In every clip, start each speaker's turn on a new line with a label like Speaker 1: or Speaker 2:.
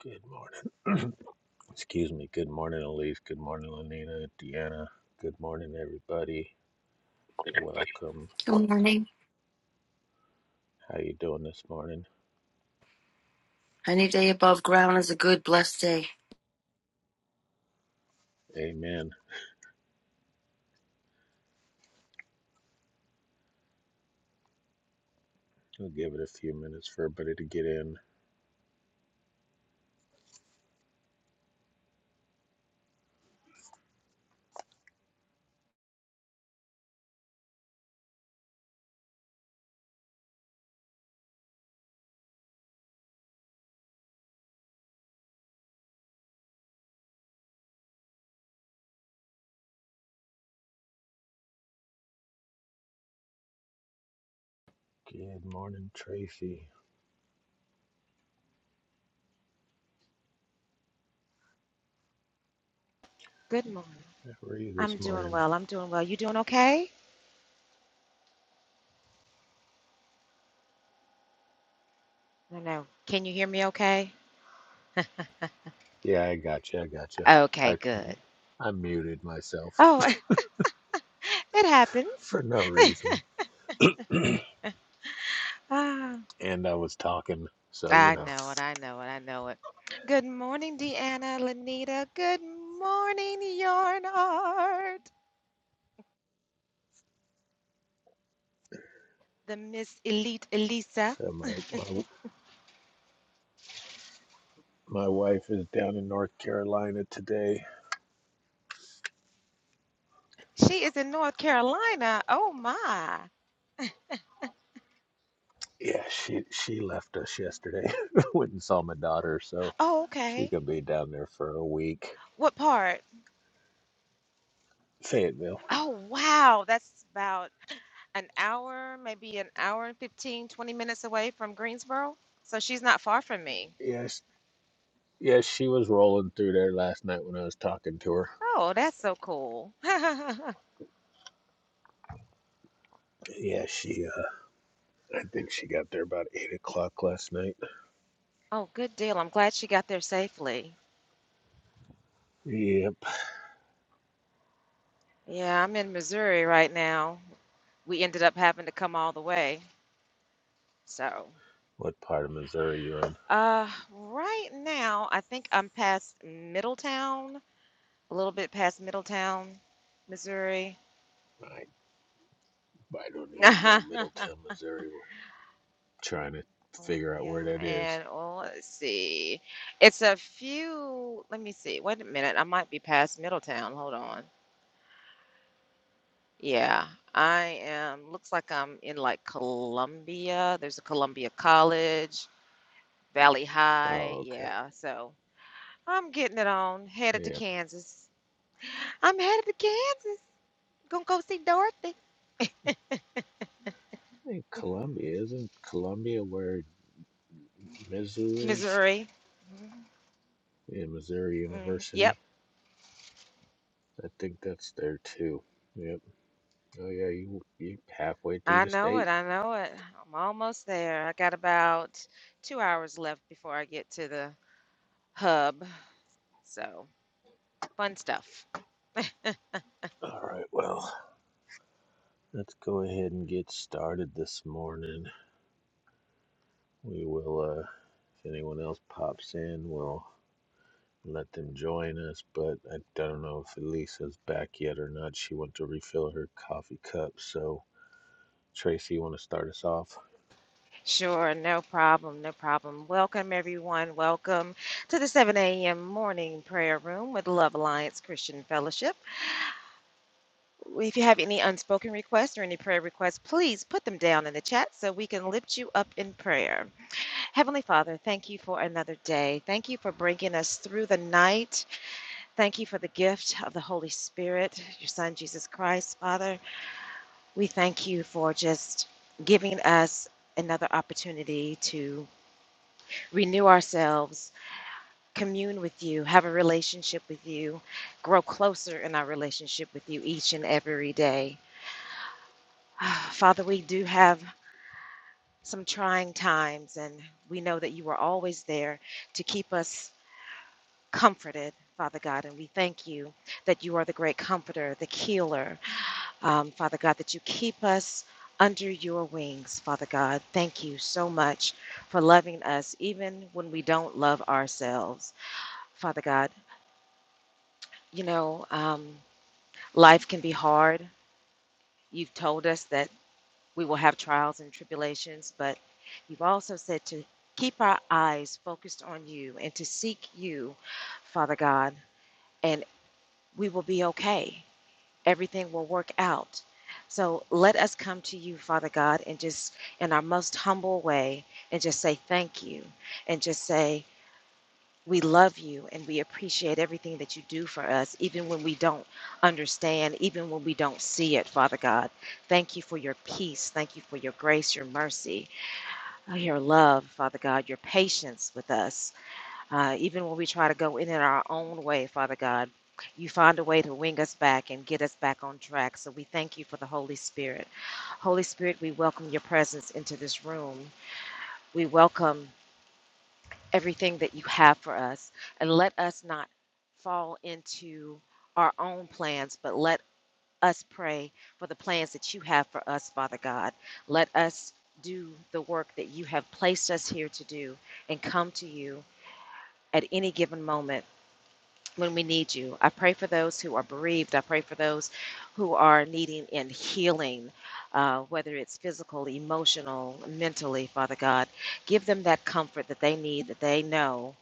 Speaker 1: Good morning. Excuse me. Good morning, Elise. Good morning, Lenina, Deanna. Good morning, everybody.
Speaker 2: Everybody.
Speaker 1: Welcome.
Speaker 2: Good morning.
Speaker 1: How you doing this morning?
Speaker 2: Any day above ground is a good, blessed day.
Speaker 1: Amen. We'll give it a few minutes for everybody to get in. Good morning, Tracy.
Speaker 3: Good morning.
Speaker 1: How are you this
Speaker 3: I'm doing
Speaker 1: morning?
Speaker 3: well. I'm doing well. You doing okay? No, no. Can you hear me okay?
Speaker 1: Yeah, I got you. I got you.
Speaker 3: Okay,
Speaker 1: I
Speaker 3: good.
Speaker 1: I muted myself
Speaker 3: Oh, it happens.
Speaker 1: for no reason,
Speaker 3: Ah,
Speaker 1: and I was talking, so you
Speaker 3: I
Speaker 1: know.
Speaker 3: know it. I know it. I know it. good morning, Deanna, Lanita. Good morning, Yarn Art. The Miss Elite Elisa.
Speaker 1: So my my my wife is down in North Carolina today,
Speaker 3: She is in North Carolina. Oh my.
Speaker 1: Yeah, she she left us yesterday. Went and saw my daughter, so
Speaker 3: Oh,
Speaker 1: she
Speaker 3: okay.
Speaker 1: could be down there for a week.
Speaker 3: What part?
Speaker 1: Fayetteville.
Speaker 3: Oh wow. That's about an hour, maybe an hour and 15, 20 minutes away from Greensboro. So she's not far from me.
Speaker 1: Yes, yes, she was rolling through there last night when I was talking to her.
Speaker 3: Oh, that's so cool. oh,
Speaker 1: Yeah, she. Uh, I think she got there about eight o'clock last night.
Speaker 3: good deal. I'm glad she got there safely.
Speaker 1: Yep.
Speaker 3: Yeah, I'm in Missouri right now. We ended up having to come all the way. So,
Speaker 1: What part of Missouri you in?
Speaker 3: uh, right now, I think I'm past Middletown, a little bit past Middletown, Missouri.
Speaker 1: I I don't even know. Middletown, Missouri. We're trying to figure out
Speaker 3: Colombia
Speaker 1: where that is.
Speaker 3: and oh, let's see. It's a few, let me see. Wait a minute. I might be past Middletown. Hold on. Yeah, I am. Looks like I'm in like Columbia. There's a Columbia College, Valley High.
Speaker 1: Oh, okay.
Speaker 3: Yeah, so I'm getting it on. Headed to
Speaker 1: Yeah.
Speaker 3: Kansas. I'm headed to Kansas. Gonna go see Dorothy,
Speaker 1: I think Columbia isn't Columbia where Mizzou is.
Speaker 3: Missouri. Mhm.
Speaker 1: and Missouri
Speaker 3: Mhm. Yep.
Speaker 1: University. I think that's there too. Yep. Oh yeah, you you halfway through
Speaker 3: I
Speaker 1: the
Speaker 3: know
Speaker 1: state.
Speaker 3: it. I know it. I'm almost there. I got about two hours left before I get to the hub. So, fun stuff.
Speaker 1: All right. Well, let's go ahead and get started this morning. We will. uh If anyone else pops in, we'll let them join us. But I don't know if Elisa's back yet or not. She went to refill her coffee cup. So Tracy, you want to start us off?
Speaker 3: Sure, no problem, no problem. Welcome, everyone. Welcome to the 7 a.m. morning prayer room with Love Alliance Christian Fellowship. If you have any unspoken requests or any prayer requests, please put them down in the chat so we can lift you up in prayer. Heavenly Father, thank you for another day. Thank you for bringing us through the night. Thank you for the gift of the Holy Spirit, your Son, Jesus Christ, Father. We thank you for just giving us another opportunity to renew ourselves, commune with you, have a relationship with you, grow closer in our relationship with you each and every day. Father, we do have some trying times, and we know that you are always there to keep us comforted, Father God, and we thank you that you are the great comforter, the healer, um, Father God, that you keep us under your wings, Father God. Thank you so much for loving us, even when we don't love ourselves, Father God. You know, um, life can be hard. You've told us that we will have trials and tribulations, but you've also said to keep our eyes focused on you and to seek you, Father God, and we will be okay. everything will work out. So let us come to you, Father God, and just in our most humble way and just say thank you and just say, we love you and we appreciate everything that you do for us, even when we don't understand, even when we don't see it, Father God. Thank you for your peace. Thank you for your grace, your mercy, your love, Father God, your patience with us. Uh, even when we try to go in it our own way, Father God, you find a way to wing us back and get us back on track. So we thank you for the Holy Spirit. Holy Spirit, we welcome your presence into this room. We welcome everything that you have for us. And let us not fall into our own plans, but let us pray for the plans that you have for us, Father God. Let us do the work that you have placed us here to do and come to you at any given moment when we need you. I pray for those who are bereaved. I pray for those who are needing and healing, uh, whether it's physical, emotional, mentally, Father God. Give them that comfort that they need, that they know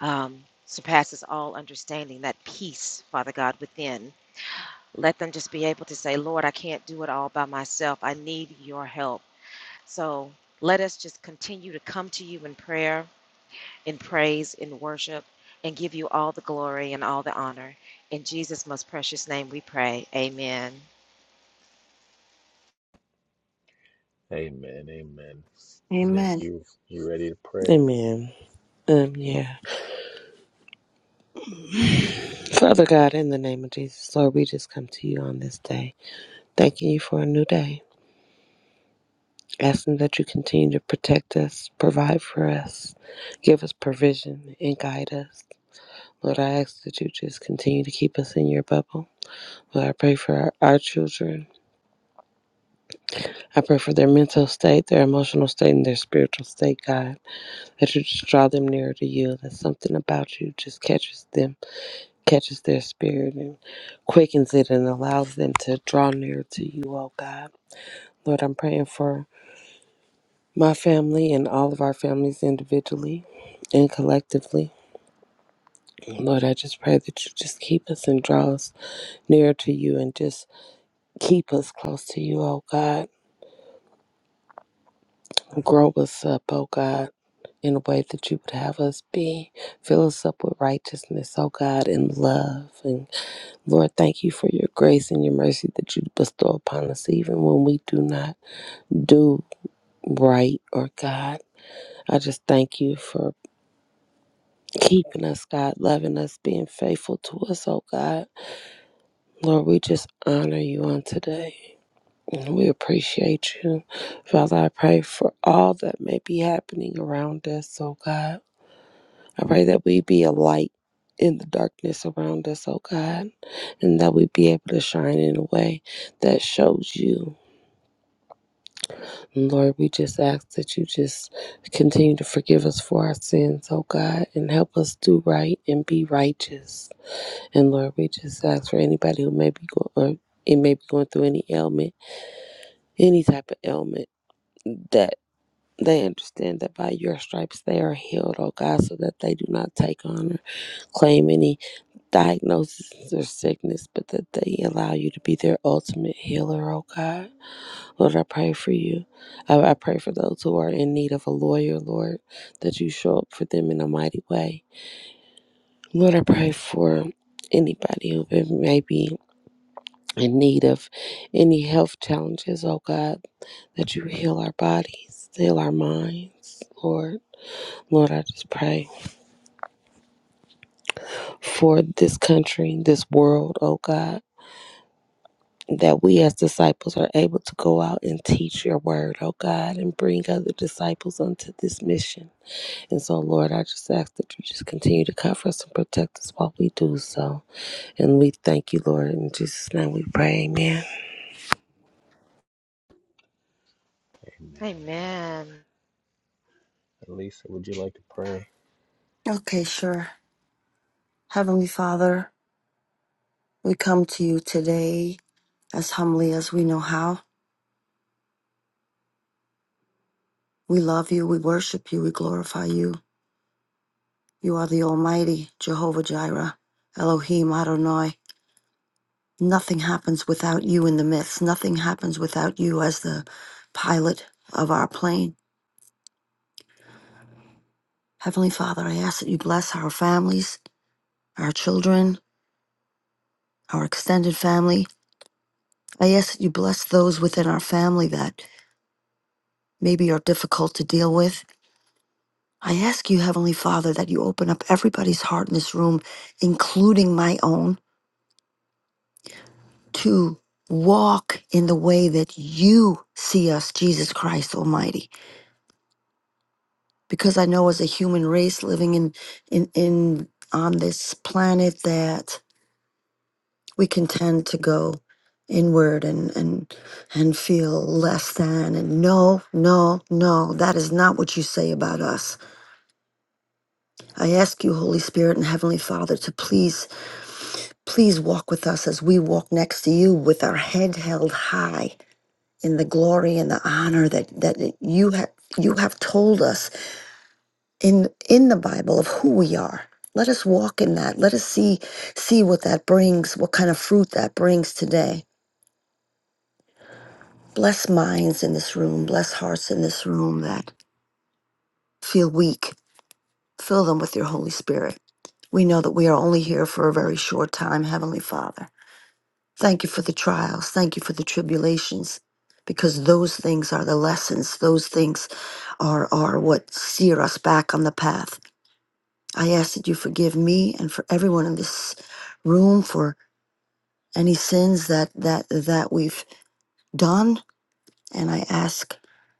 Speaker 3: um, surpasses all understanding, that peace, Father God, within. Let them just be able to say, Lord, I can't do it all by myself. I need your help. So let us just continue to come to you in prayer in praise, in worship, and give you all the glory and all the honor. In Jesus' most precious name we pray. Amen.
Speaker 1: Amen. Amen. Nick,
Speaker 2: Amen.
Speaker 1: you you ready to pray?
Speaker 4: Amen. Um, yeah. Father God, in the name of Jesus, Lord, we just come to you on this day, thanking you for a new day, asking that you continue to protect us, provide for us, give us provision, and guide us. Lord, I ask that you just continue to keep us in your bubble. Lord, I pray for our, our children. I pray for their mental state, their emotional state, and their spiritual state, God. That you just draw them nearer to you. That something about you just catches them catches their spirit and quickens it and allows them to draw near to you, oh God. Lord, I'm praying for my family and all of our families individually and collectively. Lord, I just pray that you just keep us and draw us nearer to you and just keep us close to you, oh God. Grow us up, oh God, in a way that you would have us be. Fill us up with righteousness, oh God, and love and Lord, thank you for your grace and your mercy that you bestow upon us, even when we do not do right or God. I just thank you for keeping us, God, loving us, being faithful to us, oh God. Lord, we just honor you on today and we appreciate you. Father, I pray for all that may be happening around us, oh God. I pray that we be a light in the darkness around us, oh God, and that we be able to shine in a way that shows you. And Lord, we just ask that you just continue to forgive us for our sins, oh God, and help us do right and be righteous. And Lord, we just ask for anybody who may be going, or it may be going through any ailment, any type of ailment, that they understand that by your stripes they are healed, oh God, so that they do not take on or claim any diagnosis or sickness, but that they allow you to be their ultimate healer, oh God. Lord, I pray for you. I, I pray for those who are in need of a lawyer, Lord, that you show up for them in a mighty way. Lord, I pray for anybody who may be in need of any health challenges, oh God, that you heal our bodies, heal our minds, Lord. Lord, I just pray for this country, this world, oh God. that we as disciples are able to go out and teach your word, oh God, and bring other disciples unto this mission. And so, Lord, I just ask that you just continue to cover us and protect us while we do so. And we thank you, Lord. In Jesus' name we pray. Amen.
Speaker 1: Amen. Amen.
Speaker 3: Amen.
Speaker 1: Elisa, would you like to pray?
Speaker 2: Okay, sure. Heavenly Father, we come to you today as humbly as we know how. We love you, we worship you, we glorify you. You are the Almighty, Jehovah Jireh, Elohim Adonai. Nothing happens without you in the midst. Nothing happens without you as the pilot of our plane. Heavenly Father, I ask that you bless our families, our children, our extended family. I ask that you bless those within our family that maybe are difficult to deal with. I ask you, Heavenly Father, that you open up everybody's heart in this room, including my own, to walk in the way that you see us, Jesus Christ Almighty. Because I know as a human race living in in, in on this planet that we can tend to go inward and and and feel less than and no no no that is not what you say about us I ask you, Holy Spirit and Heavenly Father, to please, please walk with us as we walk next to you with our head held high in the glory and the honor that, that you have you have told us in in the Bible of who we are. Let us walk in that. Let us see see what that brings, what kind of fruit that brings today. Bless minds in this room, bless hearts in this room that feel weak. Fill them with your Holy Spirit. We know that we are only here for a very short time, Heavenly Father. Thank you for the trials. Thank you for the tribulations, because those things are the lessons. Those things are, are what steer us back on the path. I ask that you forgive me and for everyone in this room for any sins that, that, that we've done. And I ask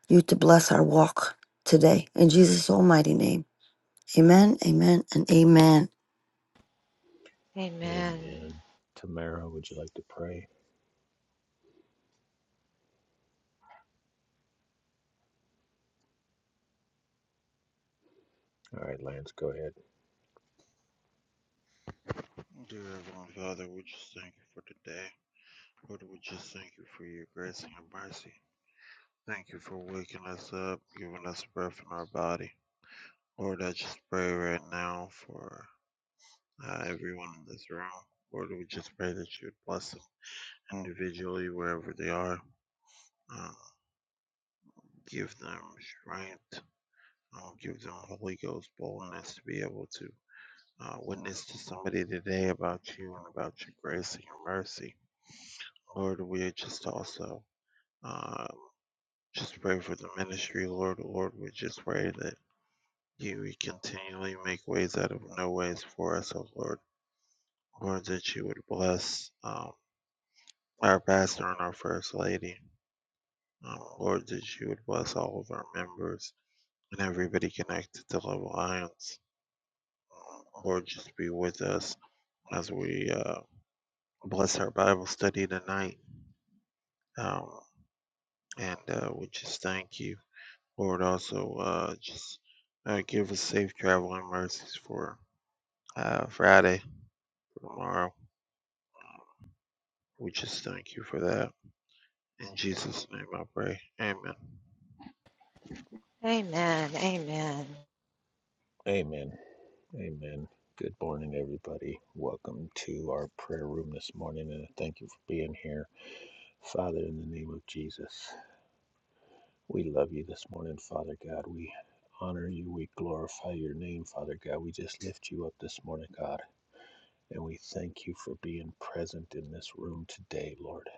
Speaker 2: you to bless our walk today. In Jesus' almighty name, amen, amen, and amen.
Speaker 3: Amen.
Speaker 1: Amen. Tamara, would you like to pray? All right, Lance, go ahead.
Speaker 5: Dear Heavenly Father, we just thank you for today. Lord, we just thank you for your grace and your mercy. Thank you for waking us up, giving us breath in our body. Lord, I just pray right now for uh, everyone in this room. Lord, we just pray that you would bless them individually wherever they are. Um, give them strength. Um, give them Holy Ghost boldness to be able to uh, witness to somebody today about you and about your grace and your mercy. Lord, we just also uh, Just pray for the ministry, Lord. Lord, we just pray that you would continually make ways out of no ways for us, oh Lord. Lord, that you would bless um, our pastor and our first lady. Um, Lord, that you would bless all of our members and everybody connected to Love Alliance. Um, Lord, just be with us as we uh, bless our Bible study tonight. Um, and uh, we just thank you. Lord, also uh, just uh, give us safe traveling mercies for uh, Friday, for tomorrow. We just thank you for that. In Jesus' name I pray. Amen.
Speaker 3: Amen. Amen.
Speaker 1: Amen. Amen. Good morning, everybody. Welcome to our prayer room this morning, and thank you for being here. Father, in the name of Jesus, we love you this morning, Father God. We honor you. We glorify your name, Father God. We just lift you up this morning, God, and we thank you for being present in this room today, Lord.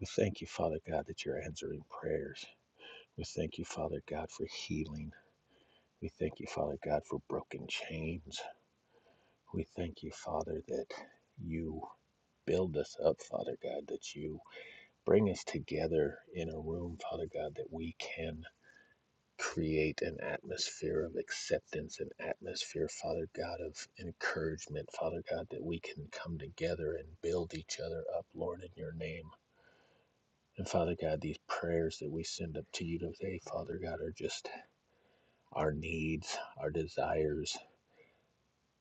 Speaker 1: We thank you, Father God, that you're answering prayers. We thank you, Father God, for healing. We thank you, Father God, for broken chains. We thank you, Father, that you build us up, Father God, that you bring us together in a room, Father God, that we can create an atmosphere of acceptance, an atmosphere, Father God, of encouragement, Father God, that we can come together and build each other up, Lord, in your name. And Father God, these prayers that we send up to you today, Father God, are just our needs, our desires,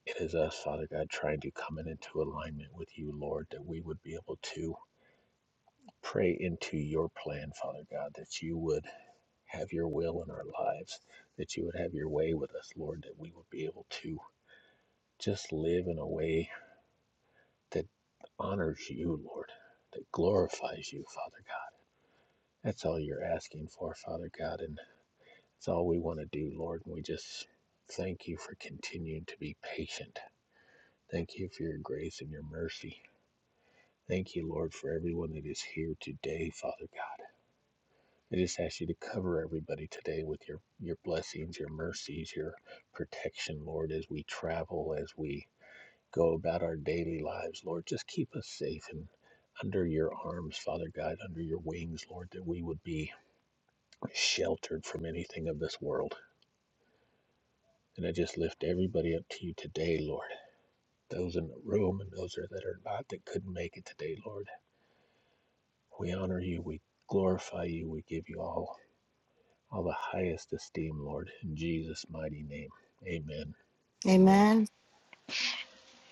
Speaker 1: It is us, Father God, trying to come in into alignment with you, Lord, that we would be able to pray into your plan, Father God, that you would have your will in our lives, that you would have your way with us, Lord, that we would be able to just live in a way that honors you, Lord, that glorifies you, Father God. That's all you're asking for, Father God, and it's all we want to do, Lord, and we just thank you for continuing to be patient. Thank you for your grace and your mercy. Thank you, Lord, for everyone that is here today, Father God. I just ask you to cover everybody today with your, your blessings, your mercies, your protection, Lord, as we travel, as we go about our daily lives, Lord. Just keep us safe and under your arms, Father God, under your wings, Lord, that we would be sheltered from anything of this world. And I just lift everybody up to you today, Lord. Those in the room and those that are not that couldn't make it today, Lord. We honor you. We glorify you. We give you all all the highest esteem, Lord, in Jesus' mighty name. Amen. Amen.
Speaker 2: Amen.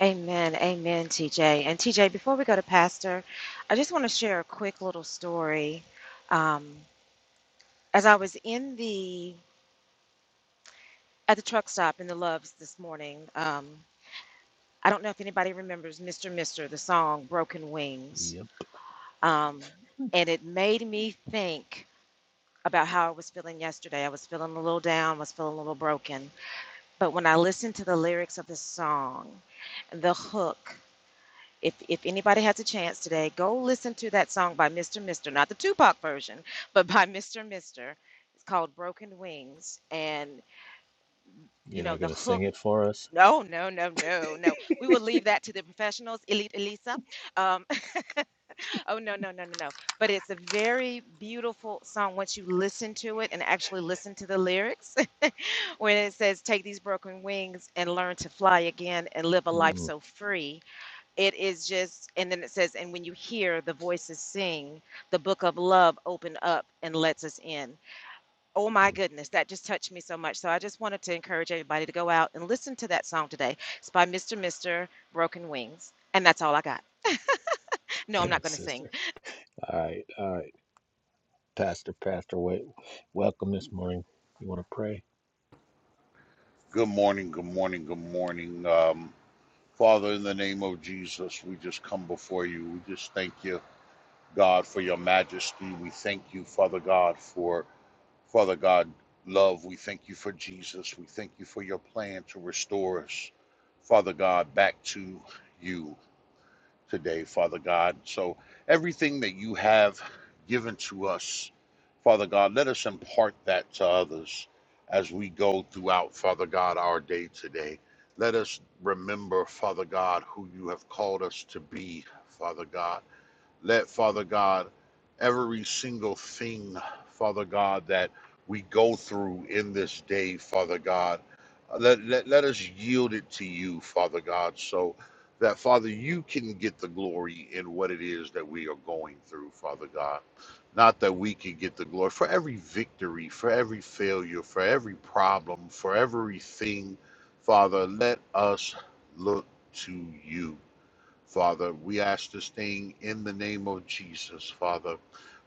Speaker 3: Amen. Amen, TJ. And TJ, before we go to Pastor, I just want to share a quick little story. Um, as I was in the at the truck stop in the Loves this morning, um, I don't know if anybody remembers Mr. Mister, the song Broken Wings
Speaker 1: Yep.
Speaker 3: Um, and it made me think about how I was feeling yesterday. I was feeling a little down, was feeling a little broken. But when I listened to the lyrics of the song, the hook, if, if anybody has a chance today, go listen to that song by Mr. Mister, not the Tupac version, but by Mr. Mister. It's called Broken Wings. And, you
Speaker 1: You're
Speaker 3: know,
Speaker 1: not
Speaker 3: the
Speaker 1: going to
Speaker 3: hook,
Speaker 1: sing it for us?
Speaker 3: no, no, no, no, no. We will leave that to the professionals, Elite Elisa. Um, Oh, no, no, no, no, no. But it's a very beautiful song once you listen to it and actually listen to the lyrics. when it says, Take these broken wings and learn to fly again and live a life
Speaker 1: Mm-mm.
Speaker 3: so free. It is just, and then it says, And when you hear the voices sing, the book of love open up and lets us in. Oh my goodness, that just touched me so much. So I just wanted to encourage everybody to go out and listen to that song today. It's by Mr. Mr. Broken Wings. And that's all I got. No, I'm not
Speaker 1: Thanks,
Speaker 3: going to sing.
Speaker 1: sister. All right. All right. Pastor, Pastor, wait. Welcome this morning. You want to pray?
Speaker 6: Good morning, good morning, good morning. Um, Father, in the name of Jesus, we just come before you. We just thank you, God, for your majesty. We thank you, Father God, for Father God love. We thank you for Jesus. We thank you for your plan to restore us, Father God, back to you today, Father God. So everything that you have given to us, Father God, let us impart that to others as we go throughout, Father God, our day today. Let us remember, Father God, who you have called us to be, Father God. Let, Father God, every single thing, Father God, that we go through in this day, Father God, uh, let, let, let us yield it to you, Father God, so that, Father, you can get the glory in what it is that we are going through, Father God. Not that we can get the glory for every victory, for every failure, for every problem, for everything, Father, let us look to you. Father, we ask this thing in the name of Jesus, Father.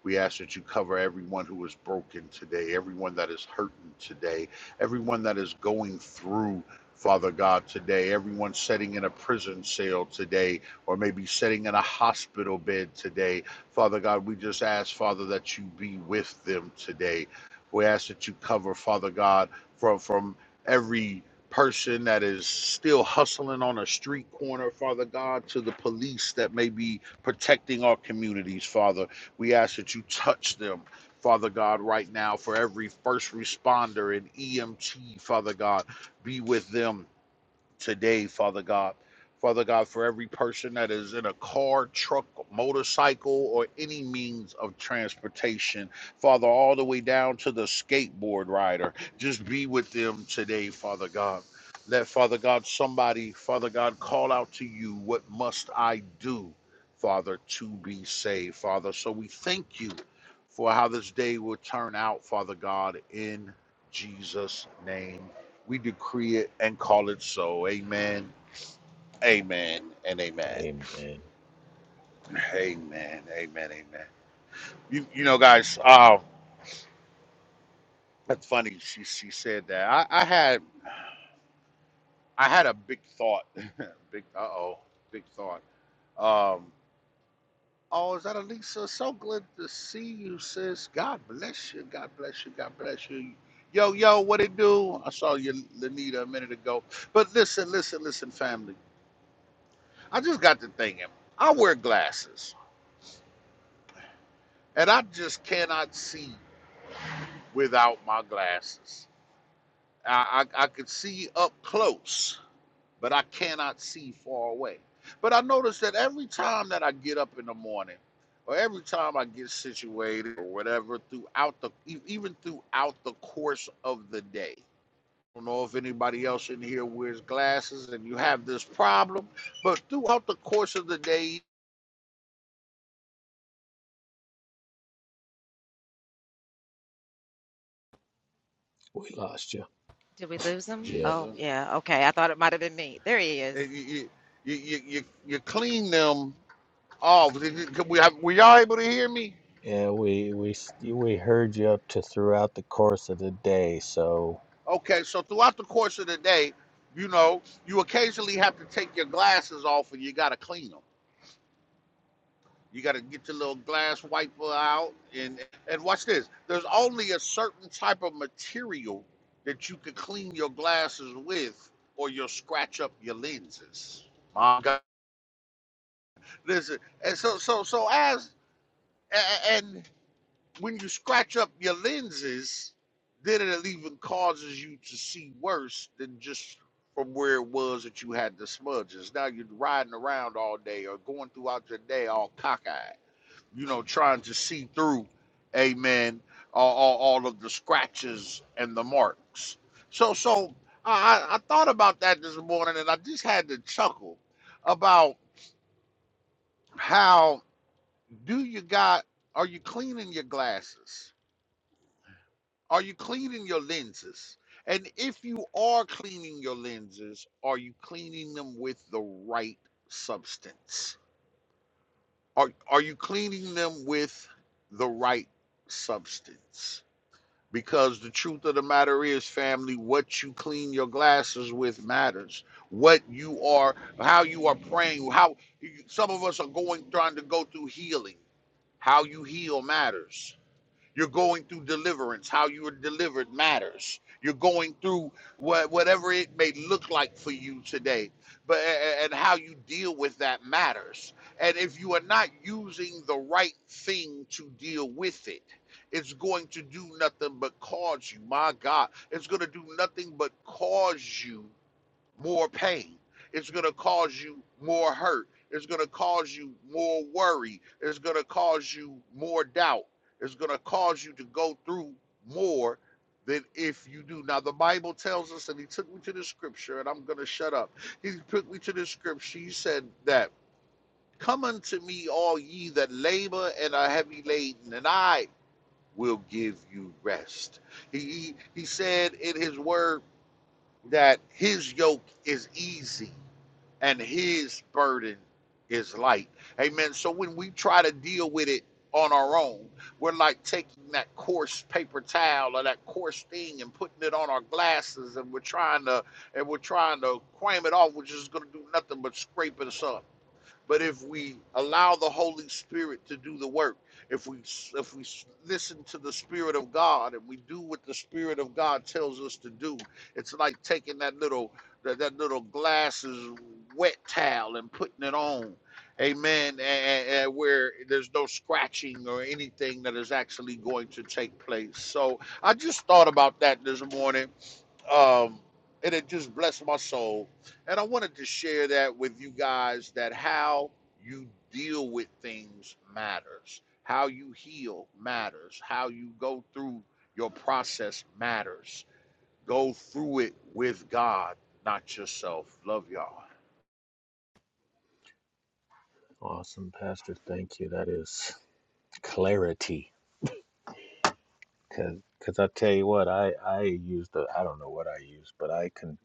Speaker 6: We ask that you cover everyone who is broken today, everyone that is hurting today, everyone that is going through, Father God, today, everyone sitting in a prison cell today, or maybe sitting in a hospital bed today. Father God, we just ask, Father, that you be with them today. We ask that you cover, Father God, from, from every person that is still hustling on a street corner, Father God, to the police that may be protecting our communities, Father. We ask that you touch them. Father God, right now, for every first responder and EMT, Father God, be with them today, Father God. Father God, for every person that is in a car, truck, motorcycle, or any means of transportation, Father, all the way down to the skateboard rider, just be with them today, Father God. Let Father God, somebody, Father God, call out to you, What must I do, Father, to be saved, Father? So we thank you for how this day will turn out, Father God, in Jesus' name. We decree it and call it so. Amen. Amen and amen.
Speaker 1: Amen.
Speaker 6: Amen. Amen. Amen. You you know, guys, uh, that's funny. She she said that. I, I had I had a big thought. big uh oh, big thought. Um, oh, is that Elisa? So glad to see you, sis. God bless you. God bless you. God bless you. Yo, yo, what it do? I saw you, Lenita, a minute ago. But listen, listen, listen, family. I just got to thinking. I wear glasses and I just cannot see without my glasses. I, I, I could see up close, but I cannot see far away. But I notice that every time that I get up in the morning, or every time I get situated, or whatever, throughout the e- even throughout the course of the day. I don't know if anybody else in here wears glasses and you have this problem, but throughout the course of the day,
Speaker 1: We lost you.
Speaker 3: Did we lose him?
Speaker 1: Yep.
Speaker 3: Oh, yeah. Okay. I thought it might have been me. There he is.
Speaker 6: you, you, you, you you clean them Oh, did you- can we have, were y'all able to hear me?
Speaker 1: Yeah, we we we heard you up to throughout the course of the day. So
Speaker 6: Okay, so throughout the course of the day, you know, you occasionally have to take your glasses off and you got to clean them. You got to get your little glass wiper out and and watch this. There's only a certain type of material that you can clean your glasses with or you'll scratch up your lenses. My God. Listen, and so so so as a- a- and when you scratch up your lenses, then it even causes you to see worse than just from where it was that you had the smudges. Now you're riding around all day or going throughout your day all cockeyed, you know, trying to see through, amen, all, all, all of the scratches and the marks. So, so I, I I thought about that this morning and I just had to chuckle about how do you got, are you cleaning your glasses? Are you cleaning your lenses? And if you are cleaning your lenses, are you cleaning them with the right substance? Are, are you cleaning them with the right substance? Because the truth of the matter is, family, what you clean your glasses with matters. What you are, how you are praying, how some of us are going, trying to go through healing. How you heal matters you're going through deliverance. How you are delivered matters. You're going through wha- whatever it may look like for you today, but a- a- and how you deal with that matters. And if you are not using the right thing to deal with it, it's going to do nothing but cause you. My God, it's going to do nothing but cause you more pain. It's going to cause you more hurt. It's going to cause you more worry. It's going to cause you more doubt. It's going to cause you to go through more than if you do. Now, the Bible tells us, and he took me to the scripture, and I'm going to shut up. He took me to the scripture. He said that, Come unto me, all ye that labor and are heavy laden, and I will give you rest. He, he, he said in his word that his yoke is easy and his burden is light. Amen. So when we try to deal with it on our own, we're like taking that coarse paper towel or that coarse thing and putting it on our glasses and we're trying to and we're trying to cram it off, which is gonna do nothing but scrape us up. But if we allow the Holy Spirit to do the work, if we if we listen to the Spirit of God and we do what the Spirit of God tells us to do, it's like taking that little that, that little glasses wet towel and putting it on, Amen. And, and where there's no scratching or anything that is actually going to take place. So I just thought about that this morning um, and it just blessed my soul. And I wanted to share that with you guys that how you deal with things matters, how you heal matters, how you go through your process matters. Go through it with God, not yourself. Love y'all.
Speaker 1: awesome, Pastor. Thank you. That is clarity Cause, cause I tell you what, I I used the I don't know what I used, but I can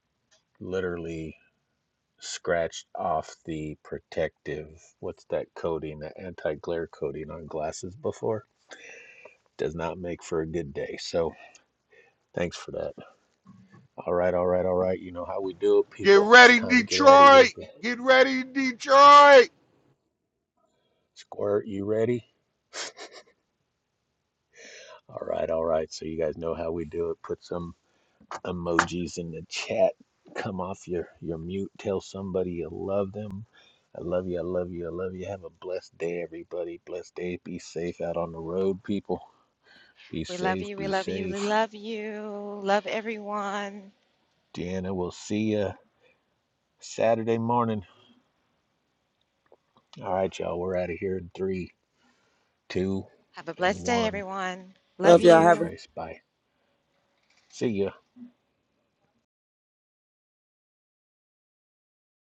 Speaker 1: literally scratched off the protective what's that coating, that anti-glare coating on glasses before. Does not make for a good day. So thanks for that. All right, all right, all right. You know how we do it,
Speaker 6: Get
Speaker 1: people. It's
Speaker 6: ready,
Speaker 1: time to get out of here.
Speaker 6: Detroit.
Speaker 1: But
Speaker 6: Get ready, Detroit.
Speaker 1: Squirt, you ready? All right, all right. So you guys know how we do it. Put some emojis in the chat. Come off your, your mute. Tell somebody you love them. I love you. I love you. I love you. Have a blessed day, everybody. Blessed day. Be safe out on the road, people. Be
Speaker 3: We love
Speaker 1: safe.
Speaker 3: you. We
Speaker 1: Be
Speaker 3: love you. We
Speaker 1: safe.
Speaker 3: love you. Love everyone.
Speaker 1: Deanna, we'll see you Saturday morning. All right, y'all. We're out of here in three, two,
Speaker 3: Have a
Speaker 1: and
Speaker 3: blessed day,
Speaker 1: one.
Speaker 3: everyone. Love
Speaker 1: You too,
Speaker 3: you.
Speaker 1: Trace. Bye. See ya.